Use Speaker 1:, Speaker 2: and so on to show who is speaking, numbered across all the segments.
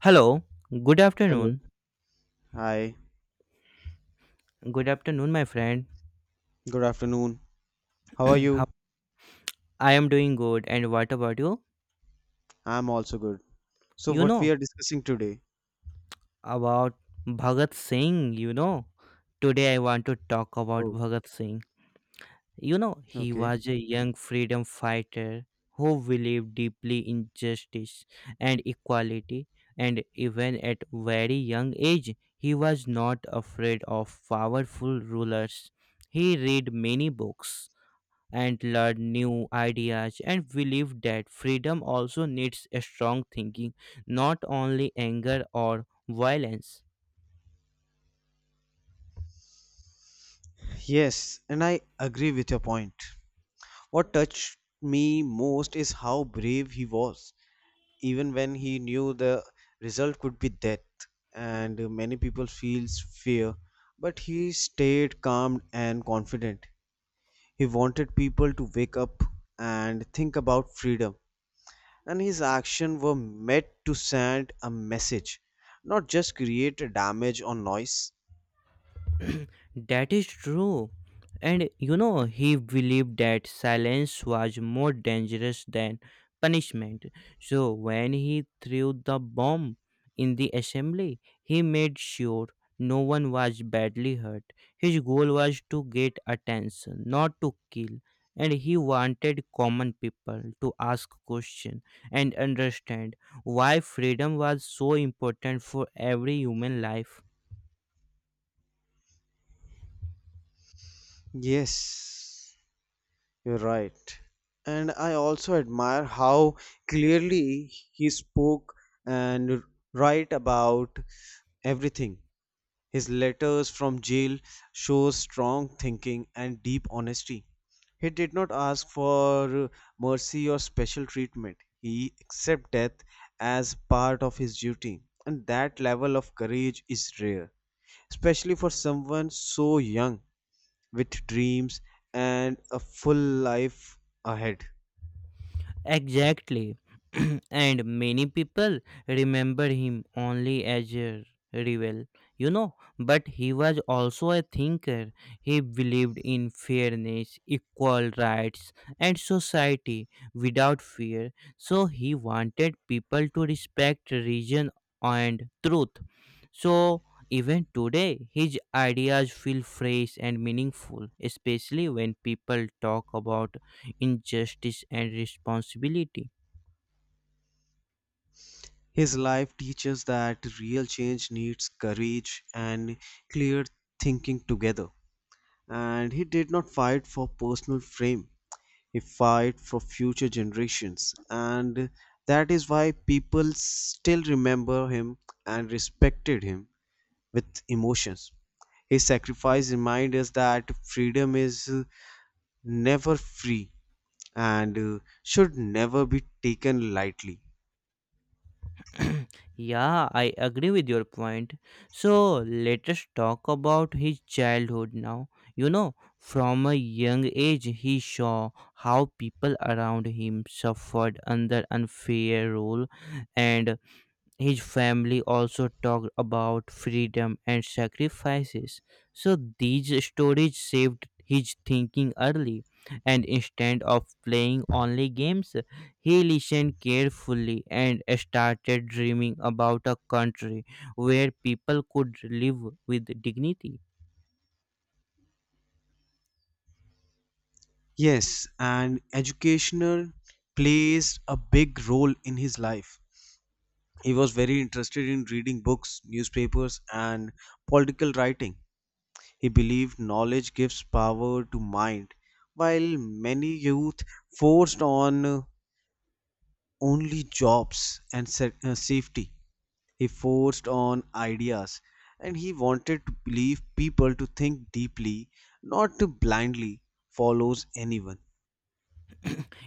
Speaker 1: Hello, good
Speaker 2: Hello.
Speaker 1: afternoon.
Speaker 2: Hi.
Speaker 1: Good afternoon, my friend.
Speaker 2: Good afternoon. How are
Speaker 1: How
Speaker 2: you?
Speaker 1: I am doing good, and what about you?
Speaker 2: I'm also good. So,
Speaker 1: You
Speaker 2: what we
Speaker 1: know
Speaker 2: are discussing today?
Speaker 1: about Bhagat Singh, you know. Today I want to talk about
Speaker 2: Oh,
Speaker 1: Bhagat Singh. You know, he
Speaker 2: okay.
Speaker 1: was a young freedom fighter who believed deeply in justice and equality, and even at very young age, he was not afraid of powerful rulers. He read many books and learn new ideas and believe that freedom also needs a strong thinking, not only anger or violence.
Speaker 2: Yes, and I agree with your point. What touched me most is how brave he was, even when he knew the result could be death, and many people feels fear, but he stayed calm and confident. He wanted people to wake up and think about freedom, and his actions were meant to send a message, not just create a damage or noise.
Speaker 1: That is true. And you know, he believed that silence was more dangerous than punishment. So when he threw the bomb in the assembly, he made sure no one was badly hurt. His goal was to get attention, not to kill. And he wanted common people to ask questions and understand why freedom was so important for every human life.
Speaker 2: Yes, you're right. And I also admire how clearly he spoke and write about everything. His letters from jail show strong thinking and deep honesty. He did not ask for mercy or special treatment. He accepted death as part of his duty, and that level of courage is rare, especially for someone so young with dreams and a full life ahead.
Speaker 1: Exactly. And many people remember him only as a rebel, but he was also a thinker. He believed in fairness, equal rights, and society without fear. So he wanted people to respect reason and truth. So even today, his ideas feel fresh and meaningful, especially when people talk about injustice and responsibility.
Speaker 2: His life teaches that real change needs courage and clear thinking together. And he did not fight for personal fame. He fight for future generations. And that is why people still remember him and respected him with emotions. His sacrifice reminds us that freedom is never free, and should never be taken lightly.
Speaker 1: Yeah, I agree with your point. So let us talk about his childhood now. You know, from a young age, he saw how people around him suffered under unfair rule, and his family also talked about freedom and sacrifices. So these stories shaped his thinking early, and instead of playing only games, he listened carefully and started dreaming about a country where people could live with dignity.
Speaker 2: Yes, and educational plays a big role in his life. He was very interested in reading books, newspapers, and political writing. He believed knowledge gives power to mind, while many youth forced on only jobs and safety. He forced on ideas, and he wanted to believe people to think deeply, not to blindly follows anyone.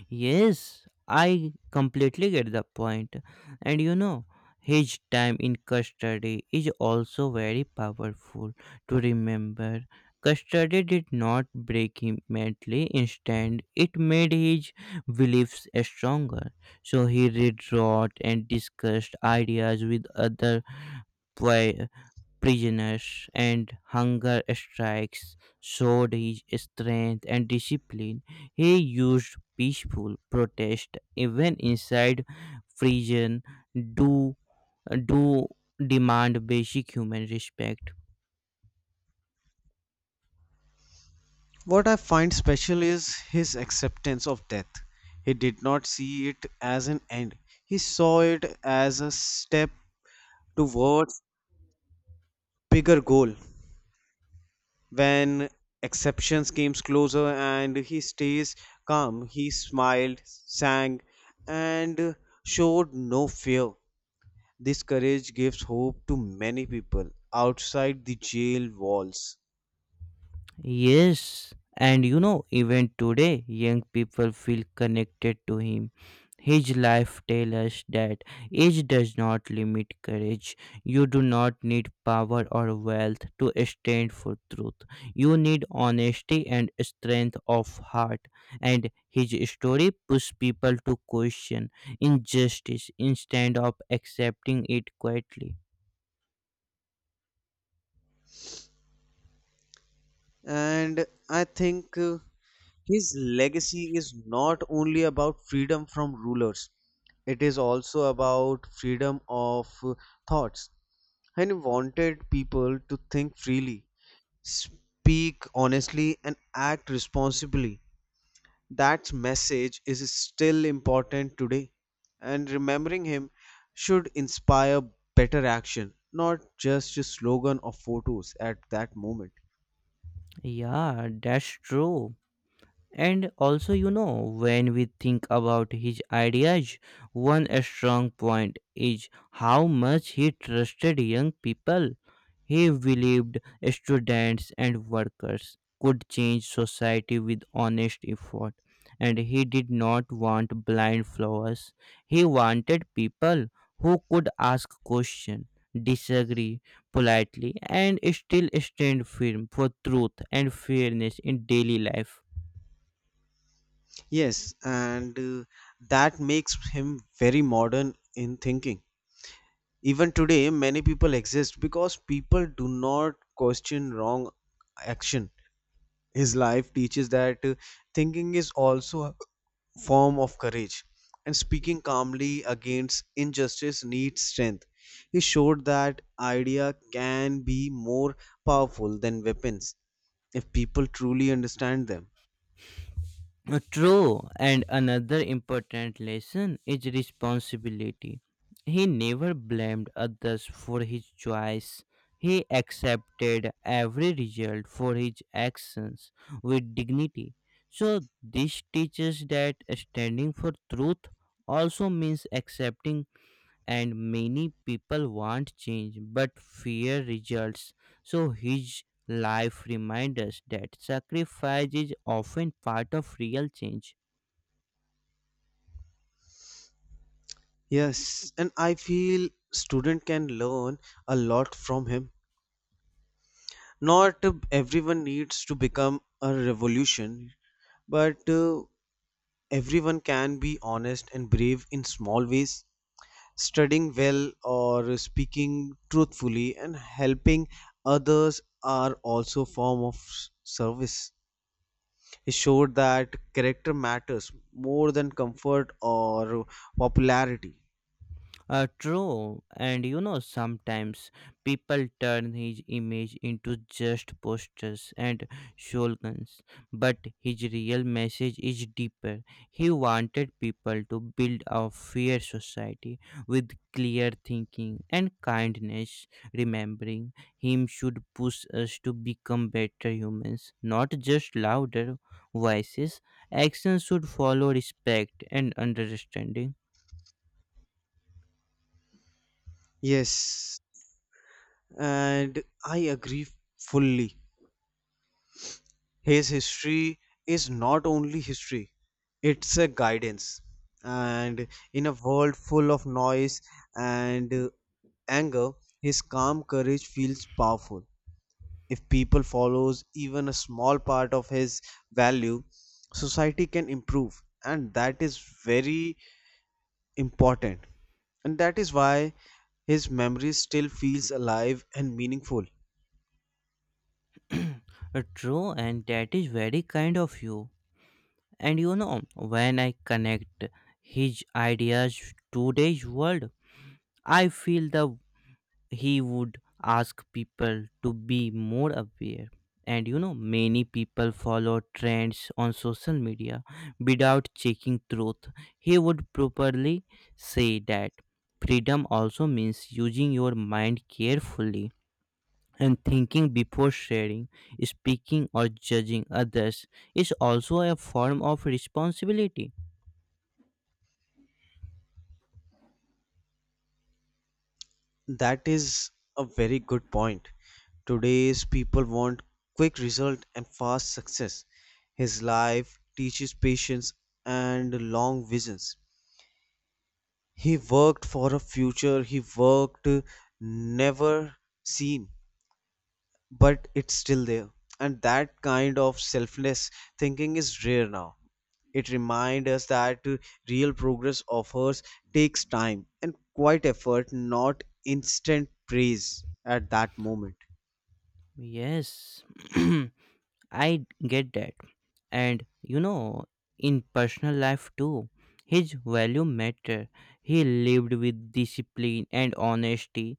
Speaker 1: Yes, I completely get the point. And you know, his time in custody is also very powerful to remember. Custody did not break him mentally, instead, it made his beliefs stronger. So he rewrote and discussed ideas with other prisoners, and hunger strikes showed his strength and discipline. He used peaceful protest even inside prison to, to demand basic human respect.
Speaker 2: What I find special is his acceptance of death. He did not see it as an end, he saw it as a step towards bigger goal. When exceptions came closer and he stays calm, he smiled, sang, and showed no fear. This courage gives hope to many people outside the jail walls.
Speaker 1: Yes, and you know, even today, young people feel connected to him. His life tells us that age does not limit courage. You do not need power or wealth to stand for truth. You need honesty and strength of heart. And his story pushes people to question injustice instead of accepting it quietly.
Speaker 2: And I think his legacy is not only about freedom from rulers, it is also about freedom of thoughts. And he wanted people to think freely, speak honestly, and act responsibly. That message is still important today, and remembering him should inspire better action, not just a slogan or photos at that moment.
Speaker 1: Yeah, that's true. And also, you know, when we think about his ideas, one strong point is how much he trusted young people. He believed students and workers could change society with honest effort. And he did not want blind followers. He wanted people who could ask questions, disagree politely, and still stand firm for truth and fairness in daily life.
Speaker 2: Yes, and that makes him very modern in thinking. Even today, many people exist because people do not question wrong action. His life teaches that thinking is also a form of courage, and speaking calmly against injustice needs strength. He showed that idea can be more powerful than weapons if people truly understand them.
Speaker 1: True, and another important lesson is responsibility. He never blamed others for his choice. He accepted every result for his actions with dignity. So, this teaches that standing for truth also means accepting, and many people want change but fear results. So his life reminds us that sacrifice is often part of real change.
Speaker 2: Yes, and I feel student can learn a lot from him. Not everyone needs to become a revolution, but everyone can be honest and brave in small ways. Studying well or speaking truthfully and helping others are also form of service. It showed that character matters more than comfort or popularity.
Speaker 1: True, and you know, sometimes people turn his image into just posters and slogans, but his real message is deeper. He wanted people to build a fair society with clear thinking and kindness. Remembering him should push us to become better humans, not just louder voices. Actions should follow respect and understanding.
Speaker 2: Yes, and I agree fully. His history is not only history, it's a guidance. And in a world full of noise and anger, his calm courage feels powerful. If people follows even a small part of his value, society can improve, and that is very important. And that is why his memory still feels alive and meaningful.
Speaker 1: True, and that is very kind of you. And you know, when I connect his ideas to today's world, I feel that he would ask people to be more aware. And you know, many people follow trends on social media without checking truth. He would properly say that freedom also means using your mind carefully, and thinking before sharing, speaking, or judging others is also a form of responsibility.
Speaker 2: That is a very good point. Today's people want quick result and fast success. His life teaches patience and long visions. He worked for a future he worked never seen, but it's still there. And that kind of selfless thinking is rare now. It reminds us that real progress offers takes time and quite effort, not instant praise at that moment.
Speaker 1: Yes, I get that. And you know, in personal life too, his value matter. He lived with discipline and honesty.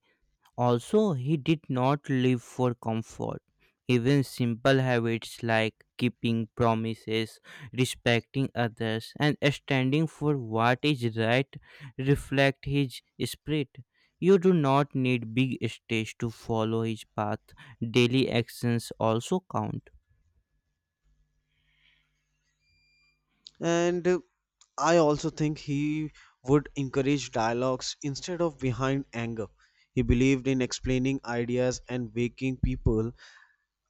Speaker 1: Also, he did not live for comfort. Even simple habits like keeping promises, respecting others, and standing for what is right reflect his spirit. You do not need big stage to follow his path. Daily actions also count.
Speaker 2: And I also think he would encourage dialogues instead of behind anger. He believed in explaining ideas and waking people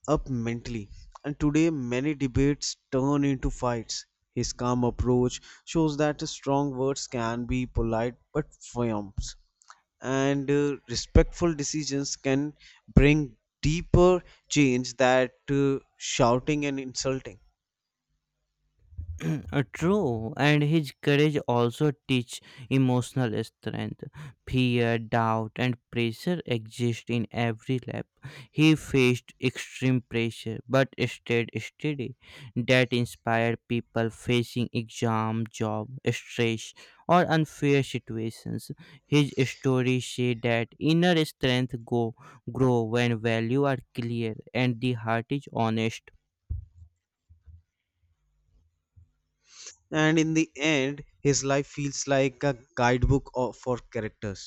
Speaker 2: up mentally. And today, many debates turn into fights. His calm approach shows that strong words can be polite but firm, and respectful decisions can bring deeper change that shouting and insulting.
Speaker 1: True, and his courage also teach emotional strength. Fear, doubt, and pressure exist in every lab. He faced extreme pressure but stayed steady. That inspired people facing exam, job, stress, or unfair situations. His story say that inner strength go grow when value are clear and the heart is honest.
Speaker 2: And in the end, his life feels like a guidebook for characters.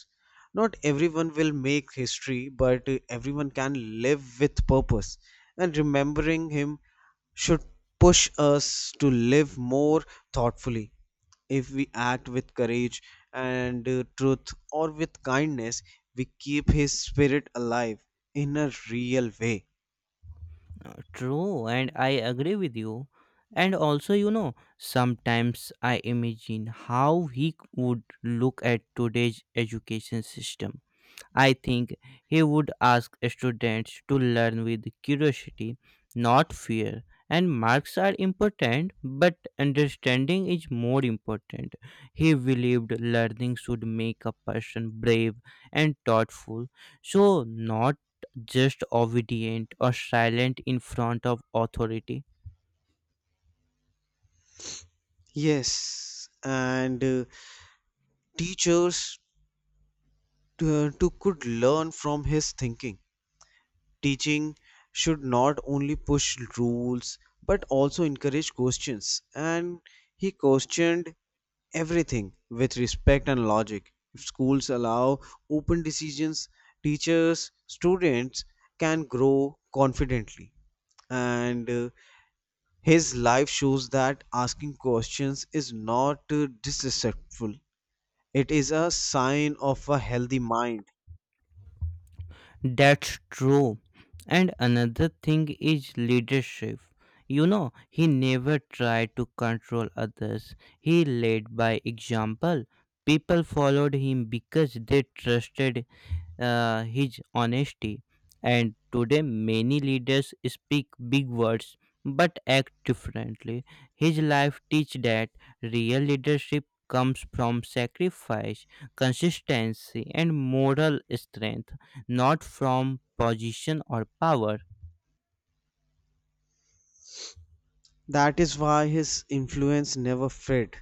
Speaker 2: Not everyone will make history, but everyone can live with purpose. And remembering him should push us to live more thoughtfully. If we act with courage and truth or with kindness, we keep his spirit alive in a real way.
Speaker 1: True, and I agree with you. And also, you know, sometimes I imagine how he would look at today's education system. I think he would ask students to learn with curiosity, not fear. And marks are important, but understanding is more important. He believed learning should make a person brave and thoughtful, so not just obedient or silent in front of authority.
Speaker 2: Yes, and teachers to could learn from his thinking. Teaching should not only push rules but also encourage questions, and he questioned everything with respect and logic. If schools allow open decisions, teachers, students can grow confidently. And his life shows that asking questions is not disrespectful, it is a sign of a healthy mind.
Speaker 1: That's true. And another thing is leadership. You know, he never tried to control others. He led by example. People followed him because they trusted his honesty. And today, many leaders speak big words but act differently. His life teaches that real leadership comes from sacrifice, consistency, and moral strength, not from position or power.
Speaker 2: That is why his influence never faded.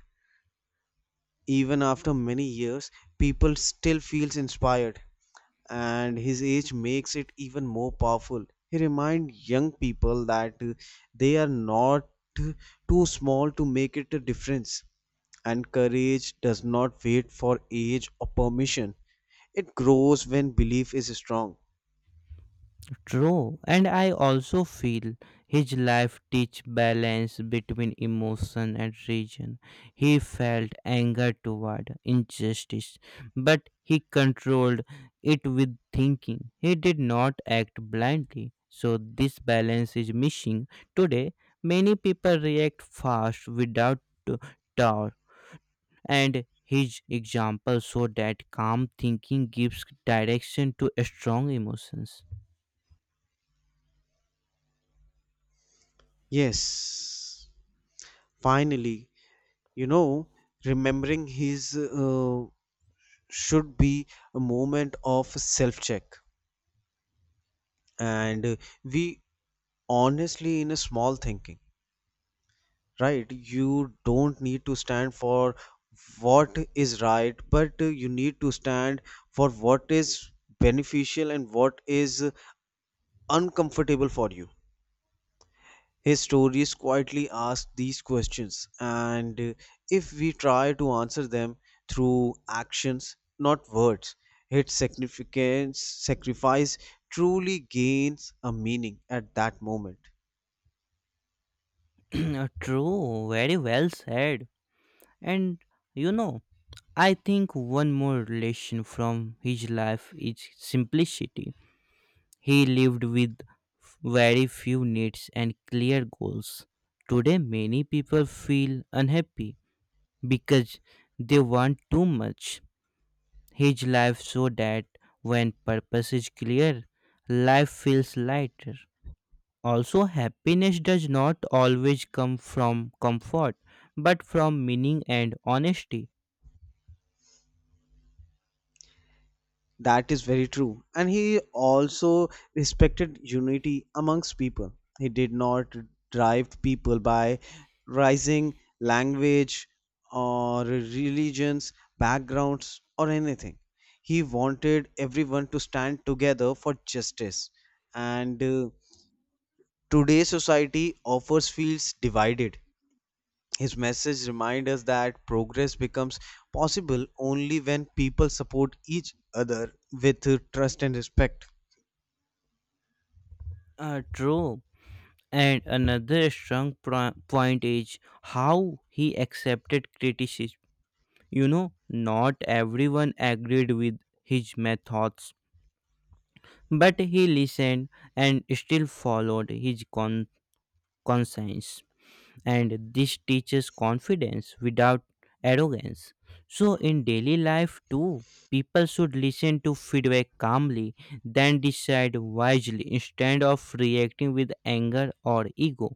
Speaker 2: Even after many years, people still feels inspired, and his age makes it even more powerful. He reminds young people that they are not uh, too small to make it a difference, and courage does not wait for age or permission. It grows when belief is strong.
Speaker 1: True, and I also feel his life teach balance between emotion and reason. He felt anger toward injustice, but he controlled it with thinking. He did not act blindly. So this balance is missing. Today, many people react fast without t- thought, and his example showed that calm thinking gives direction to strong emotions.
Speaker 2: Yes. Finally, you know, remembering his should be a moment of self check, and we honestly in a small thinking, right? You don't need to stand for what is right, but you need to stand for what is beneficial and what is uncomfortable for you. His stories quietly ask these questions, and if we try to answer them through actions, not words, its significance, sacrifice truly gains a meaning at that moment.
Speaker 1: True, very well said. And you know, I think one more lesson from his life is simplicity. He lived with very few needs and clear goals. Today, many people feel unhappy because they want too much. His life so that when purpose is clear, life feels lighter. Also, happiness does not always come from comfort, but from meaning and honesty.
Speaker 2: That is very true. And he also respected unity amongst people. He did not drive people by rising language or religions, backgrounds, or anything. He wanted everyone to stand together for justice. And today's society offers fields divided. His message reminds us that progress becomes possible only when people support each other with trust and respect.
Speaker 1: True. And another strong point is how he accepted criticism. You know, not everyone agreed with his methods, but he listened and still followed his conscience. And this teaches confidence without arrogance. So, in daily life too, people should listen to feedback calmly, then decide wisely instead of reacting with anger or ego.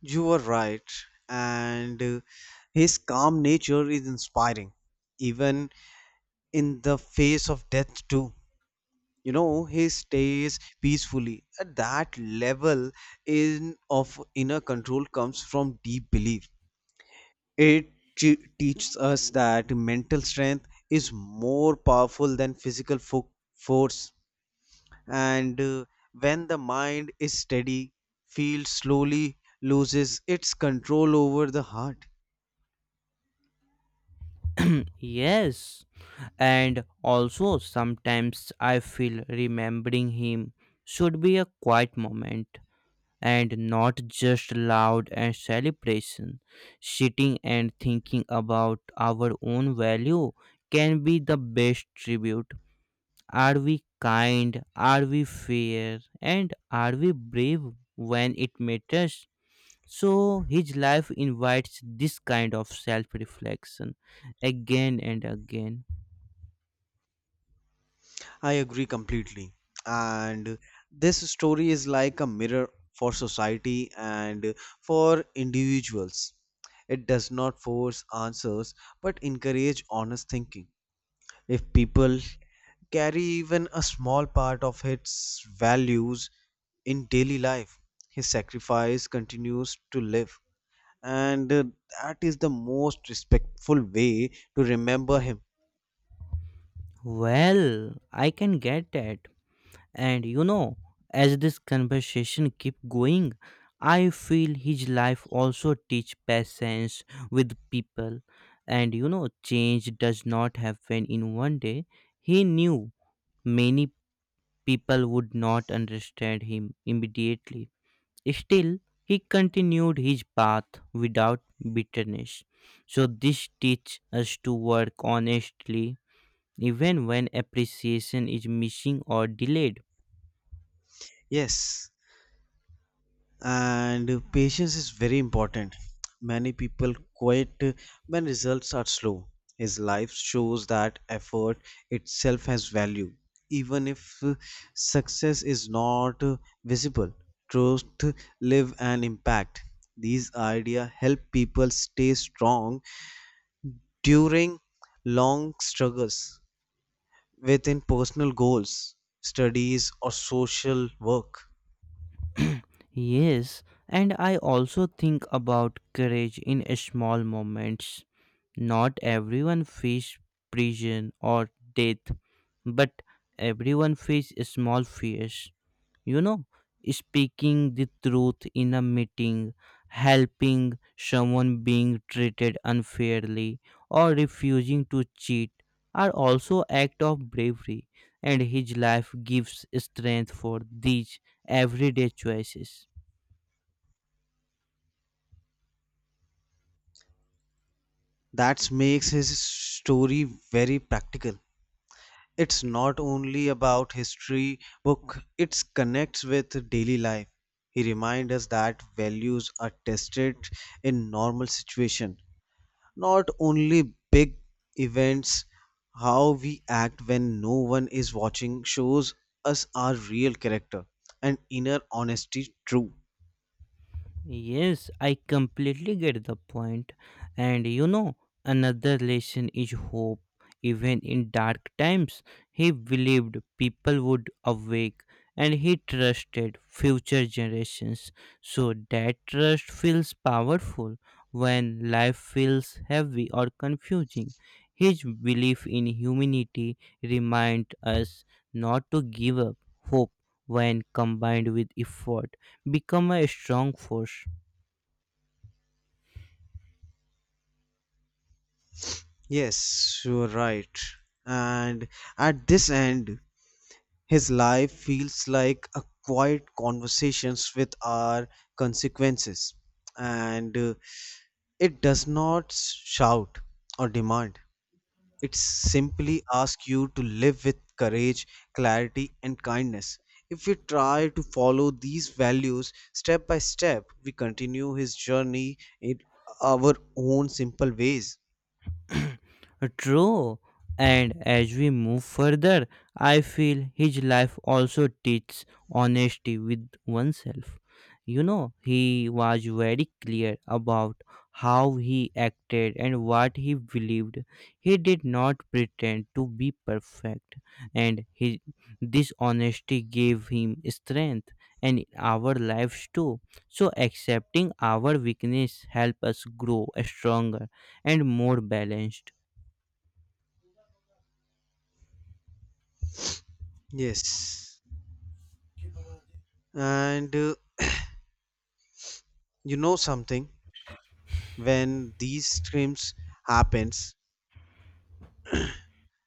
Speaker 2: You were right, and his calm nature is inspiring, even in the face of death, too. You know, he stays peacefully. At that level in of inner control comes from deep belief. It teaches us that mental strength is more powerful than physical force, and when the mind is steady, field slowly loses its control over the heart.
Speaker 1: Yes, and also sometimes I feel remembering him should be a quiet moment and not just loud and celebration. Sitting and thinking about our own value can be the best tribute. Are we kind? Are we fair? And are we brave when it matters? So his life invites this kind of self reflection again and again.
Speaker 2: I agree completely. And this story is like a mirror for society and for individuals. It does not force answers but encourage honest thinking. If people carry even a small part of his values in daily life, his sacrifice continues to live, and that is the most respectful way to remember him.
Speaker 1: Well, I can get that. And you know, as this conversation keep going, I feel his life also teach patience with people. And you know, change does not happen in one day. He knew many people would not understand him immediately. Still, he continued his path without bitterness. So this teach us to work honestly even when appreciation is missing or delayed.
Speaker 2: Yes, and patience is very important. Many people quit when results are slow. His life shows that effort itself has value, even if success is not visible. Truth live and impact, these ideas help people stay strong during long struggles within personal goals, studies or social work.
Speaker 1: Yes, and I also think about courage in small moments. Not everyone faces prison or death, but everyone faces small fears. You know, speaking the truth in a meeting, helping someone being treated unfairly, or refusing to cheat are also acts of bravery, and his life gives strength for these everyday choices.
Speaker 2: That makes his story very practical. It's not only about history book, it connects with daily life. He reminds us that values are tested in normal situation, not only big events. How we act when no one is watching shows us our real character and inner honesty true.
Speaker 1: Yes, I completely get the point. And you know, another lesson is hope. Even in dark times, he believed people would awake and he trusted future generations. So that trust feels powerful when life feels heavy or confusing. His belief in humanity reminds us not to give up hope when combined with effort become a strong force.
Speaker 2: Yes, you're right. And at this end, his life feels like a quiet conversations with our consequences, and it does not shout or demand. It simply asks you to live with courage, clarity, and kindness. If we try to follow these values step by step, we continue his journey in our own simple ways.
Speaker 1: True. And as we move further, I feel his life also teaches honesty with oneself. You know, he was very clear about how he acted and what he believed. He did not pretend to be perfect, and this honesty gave him strength and in our lives too. So, accepting our weakness helps us grow stronger and more balanced.
Speaker 2: Yes. And you know something? When these streams happens,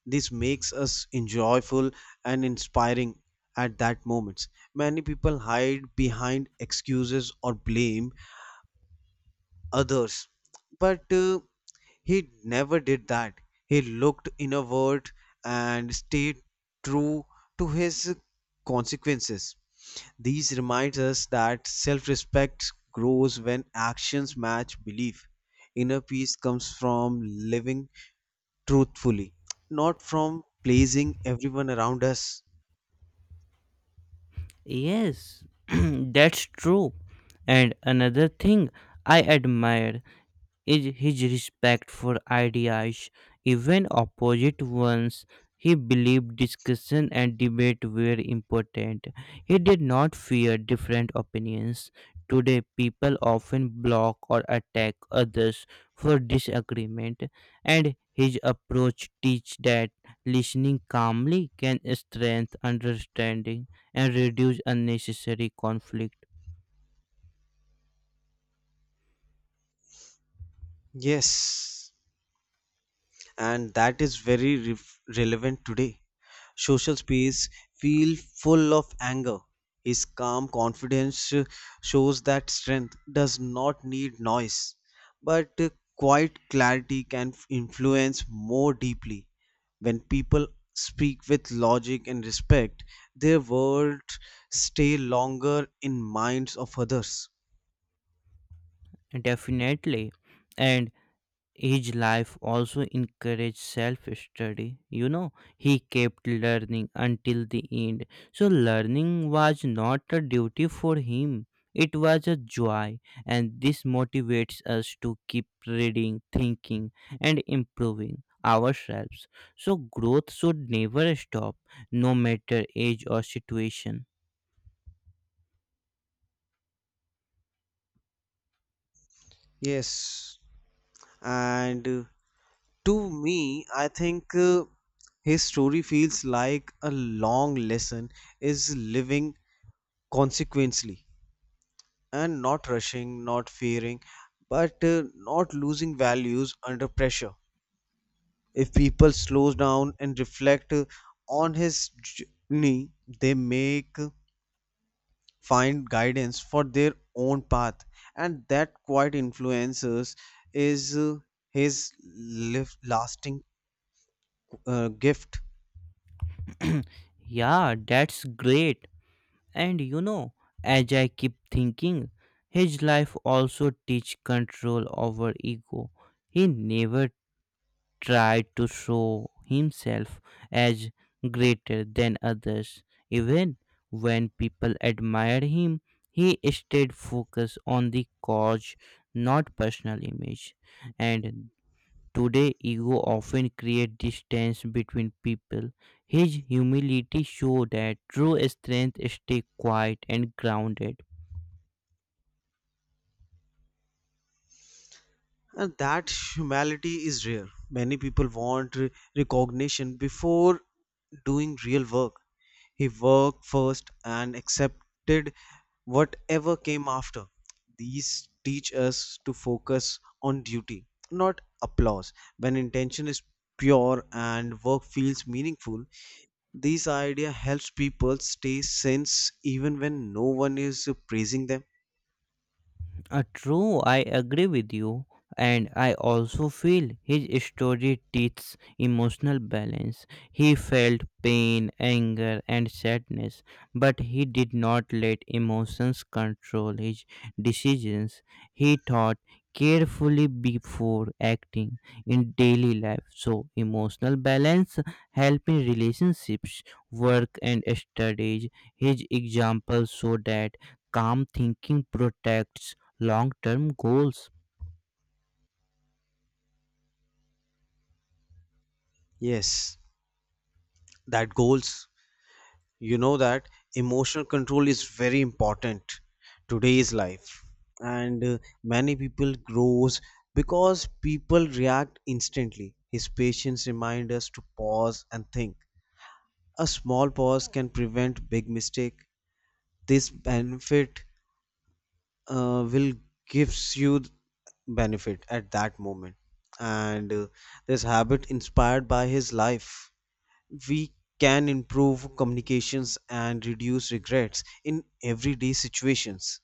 Speaker 2: this makes us enjoyful and inspiring at that moments. Many people hide behind excuses or blame others, but he never did that. He looked inward and stayed true to his consequences. These remind us that self-respect grows when actions match belief. Inner peace comes from living truthfully, not from pleasing everyone around us.
Speaker 1: Yes, that's true. And another thing I admire is his respect for ideas, even opposite ones. He believed discussion and debate were important. He did not fear different opinions. Today, people often block or attack others for disagreement, and his approach teaches that listening calmly can strengthen understanding and reduce unnecessary conflict.
Speaker 2: Yes, and that is very relevant today. Social space feel full of anger. His calm confidence shows that strength does not need noise, but quiet clarity can influence more deeply. When people speak with logic and respect, their words stay longer in minds of others.
Speaker 1: Definitely, and his life also encouraged self study. You know, he kept learning until the end. So, learning was not a duty for him, it was a joy, and this motivates us to keep reading, thinking, and improving ourselves. So, growth should never stop, no matter age or situation.
Speaker 2: Yes, and to me, I think his story feels like a long lesson is living consequently and not rushing, not fearing, but not losing values under pressure. If people slow down and reflect on his journey, they make find guidance for their own path, and that quite influences is his live lasting gift.
Speaker 1: Yeah, that's great. And you know, as I keep thinking, his life also teach control over ego. He never tried to show himself as greater than others. Even when people admired him, he stayed focused on the cause, not personal image. And today, ego often creates distance between people. His humility showed that true strength stays quiet and grounded.
Speaker 2: And that humility is rare. Many people want recognition before doing real work. He worked first and accepted whatever came after. These teach us to focus on duty, not applause. When intention is pure and work feels meaningful, this idea helps people stay sane even when no one is praising them.
Speaker 1: True, I agree with you. And I also feel his story teaches emotional balance. He felt pain, anger, and sadness, but he did not let emotions control his decisions. He thought carefully before acting in daily life. So, emotional balance helps in relationships, work, and studies. His example so that calm thinking protects long term goals.
Speaker 2: Yes, that goals, you know that emotional control is very important today's life. And many people grows because people react instantly. His patience remind us to pause and think. A small pause can prevent big mistake. This benefit will gives you benefit at that moment. And this habit inspired by his life, we can improve communications and reduce regrets in everyday situations.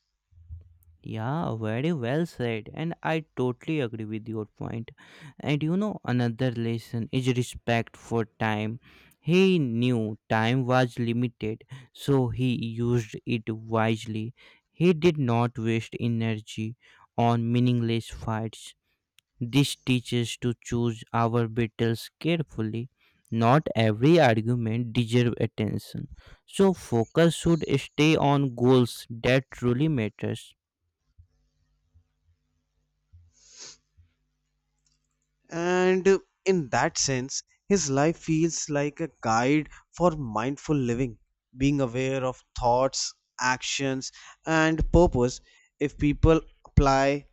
Speaker 1: Yeah, very well said, and I totally agree with your point. And you know, another lesson is respect for time. He knew time was limited, so he used it wisely. He did not waste energy on meaningless fights. This teaches to choose our battles carefully. Not every argument deserves attention. So focus should stay on goals that truly matters.
Speaker 2: And in that sense, his life feels like a guide for mindful living, being aware of thoughts, actions, and purpose. If people apply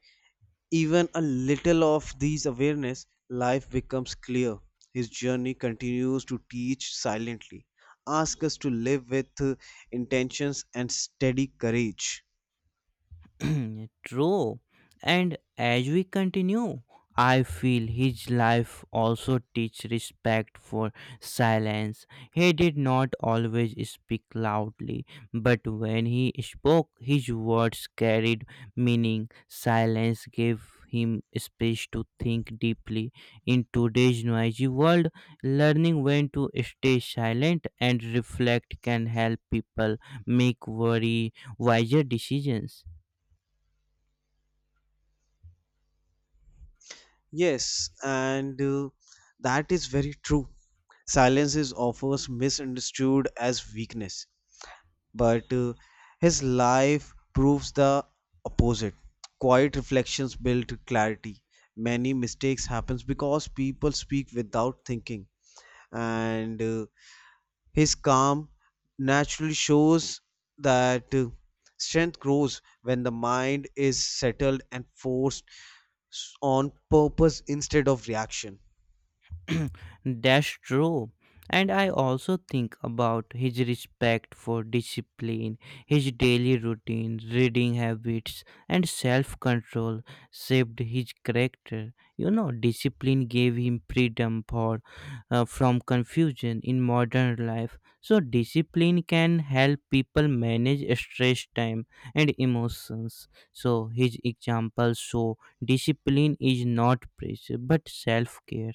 Speaker 2: even a little of these awareness, life becomes clear. His journey continues to teach silently, ask us to live with intentions and steady courage.
Speaker 1: True. And as we continue, I feel his life also teach respect for silence. He did not always speak loudly, but when he spoke, his words carried meaning. Silence gave him space to think deeply. In today's noisy world, learning when to stay silent and reflect can help people make very wiser decisions.
Speaker 2: Yes, and that is very true. Silence is often misunderstood as weakness, but his life proves the opposite. Quiet reflections build clarity. Many mistakes happens because people speak without thinking, and his calm naturally shows that strength grows when the mind is settled and forced on purpose instead of reaction.
Speaker 1: That's true. And I also think about his respect for discipline, his daily routine, reading habits, and self control shaped his character. You know, discipline gave him freedom for, from confusion in modern life. So, discipline can help people manage stress, time, and emotions. So, his examples show discipline is not pressure but self care.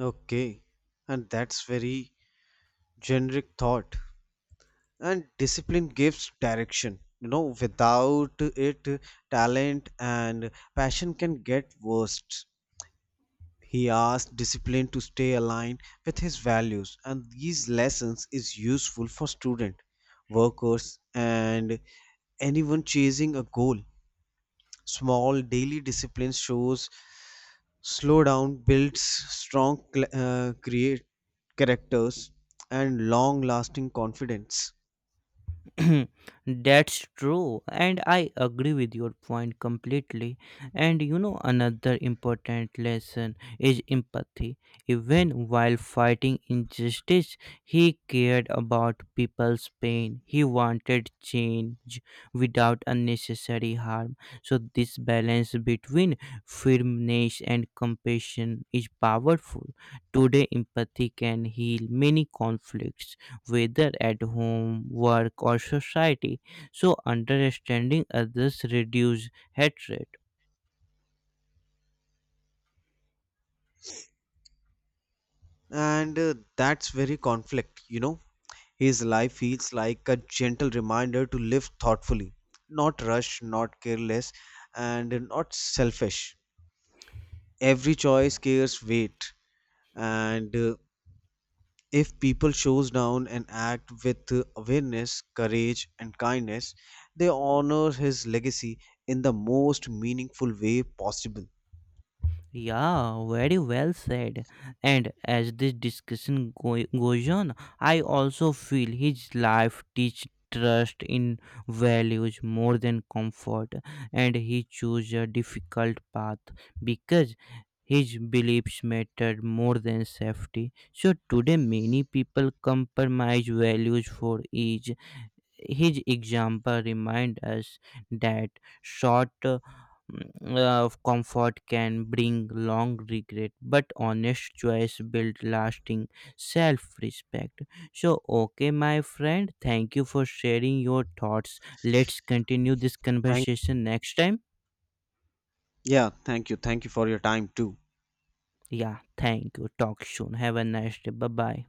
Speaker 2: Okay, and that's very generic thought. And discipline gives direction. You know, without it, talent and passion can get worst. He asked discipline to stay aligned with his values, and these lessons is useful for student, workers, and anyone chasing a goal. Small daily discipline shows slow down builds strong create characters and long lasting confidence.
Speaker 1: That's true, and I agree with your point completely. And you know, another important lesson is empathy. Even while fighting injustice, he cared about people's pain, he wanted change without unnecessary harm. So, this balance between firmness and compassion is powerful. Today, empathy can heal many conflicts whether at home, work, or society. So, understanding others reduce hatred.
Speaker 2: And that's very conflict, you know. His life feels like a gentle reminder to live thoughtfully, not rush, not careless, and not selfish. Every choice carries weight, and if people shows down and act with awareness, courage and kindness, they honor his legacy in the most meaningful way possible.
Speaker 1: Yeah, very well said. And as this discussion goes on, I also feel his life teach trust in values more than comfort, and he chose a difficult path because his beliefs mattered more than safety. So today, many people compromise values for ease, his example remind us that short of comfort can bring long regret but honest choice build lasting self-respect. So okay, my friend, thank you for sharing your thoughts. Let's continue this
Speaker 2: Thank—
Speaker 1: conversation next time.
Speaker 2: yeah, thank you. Thank you for your time too.
Speaker 1: Yeah, thank you. Talk soon. Have a nice day. Bye bye.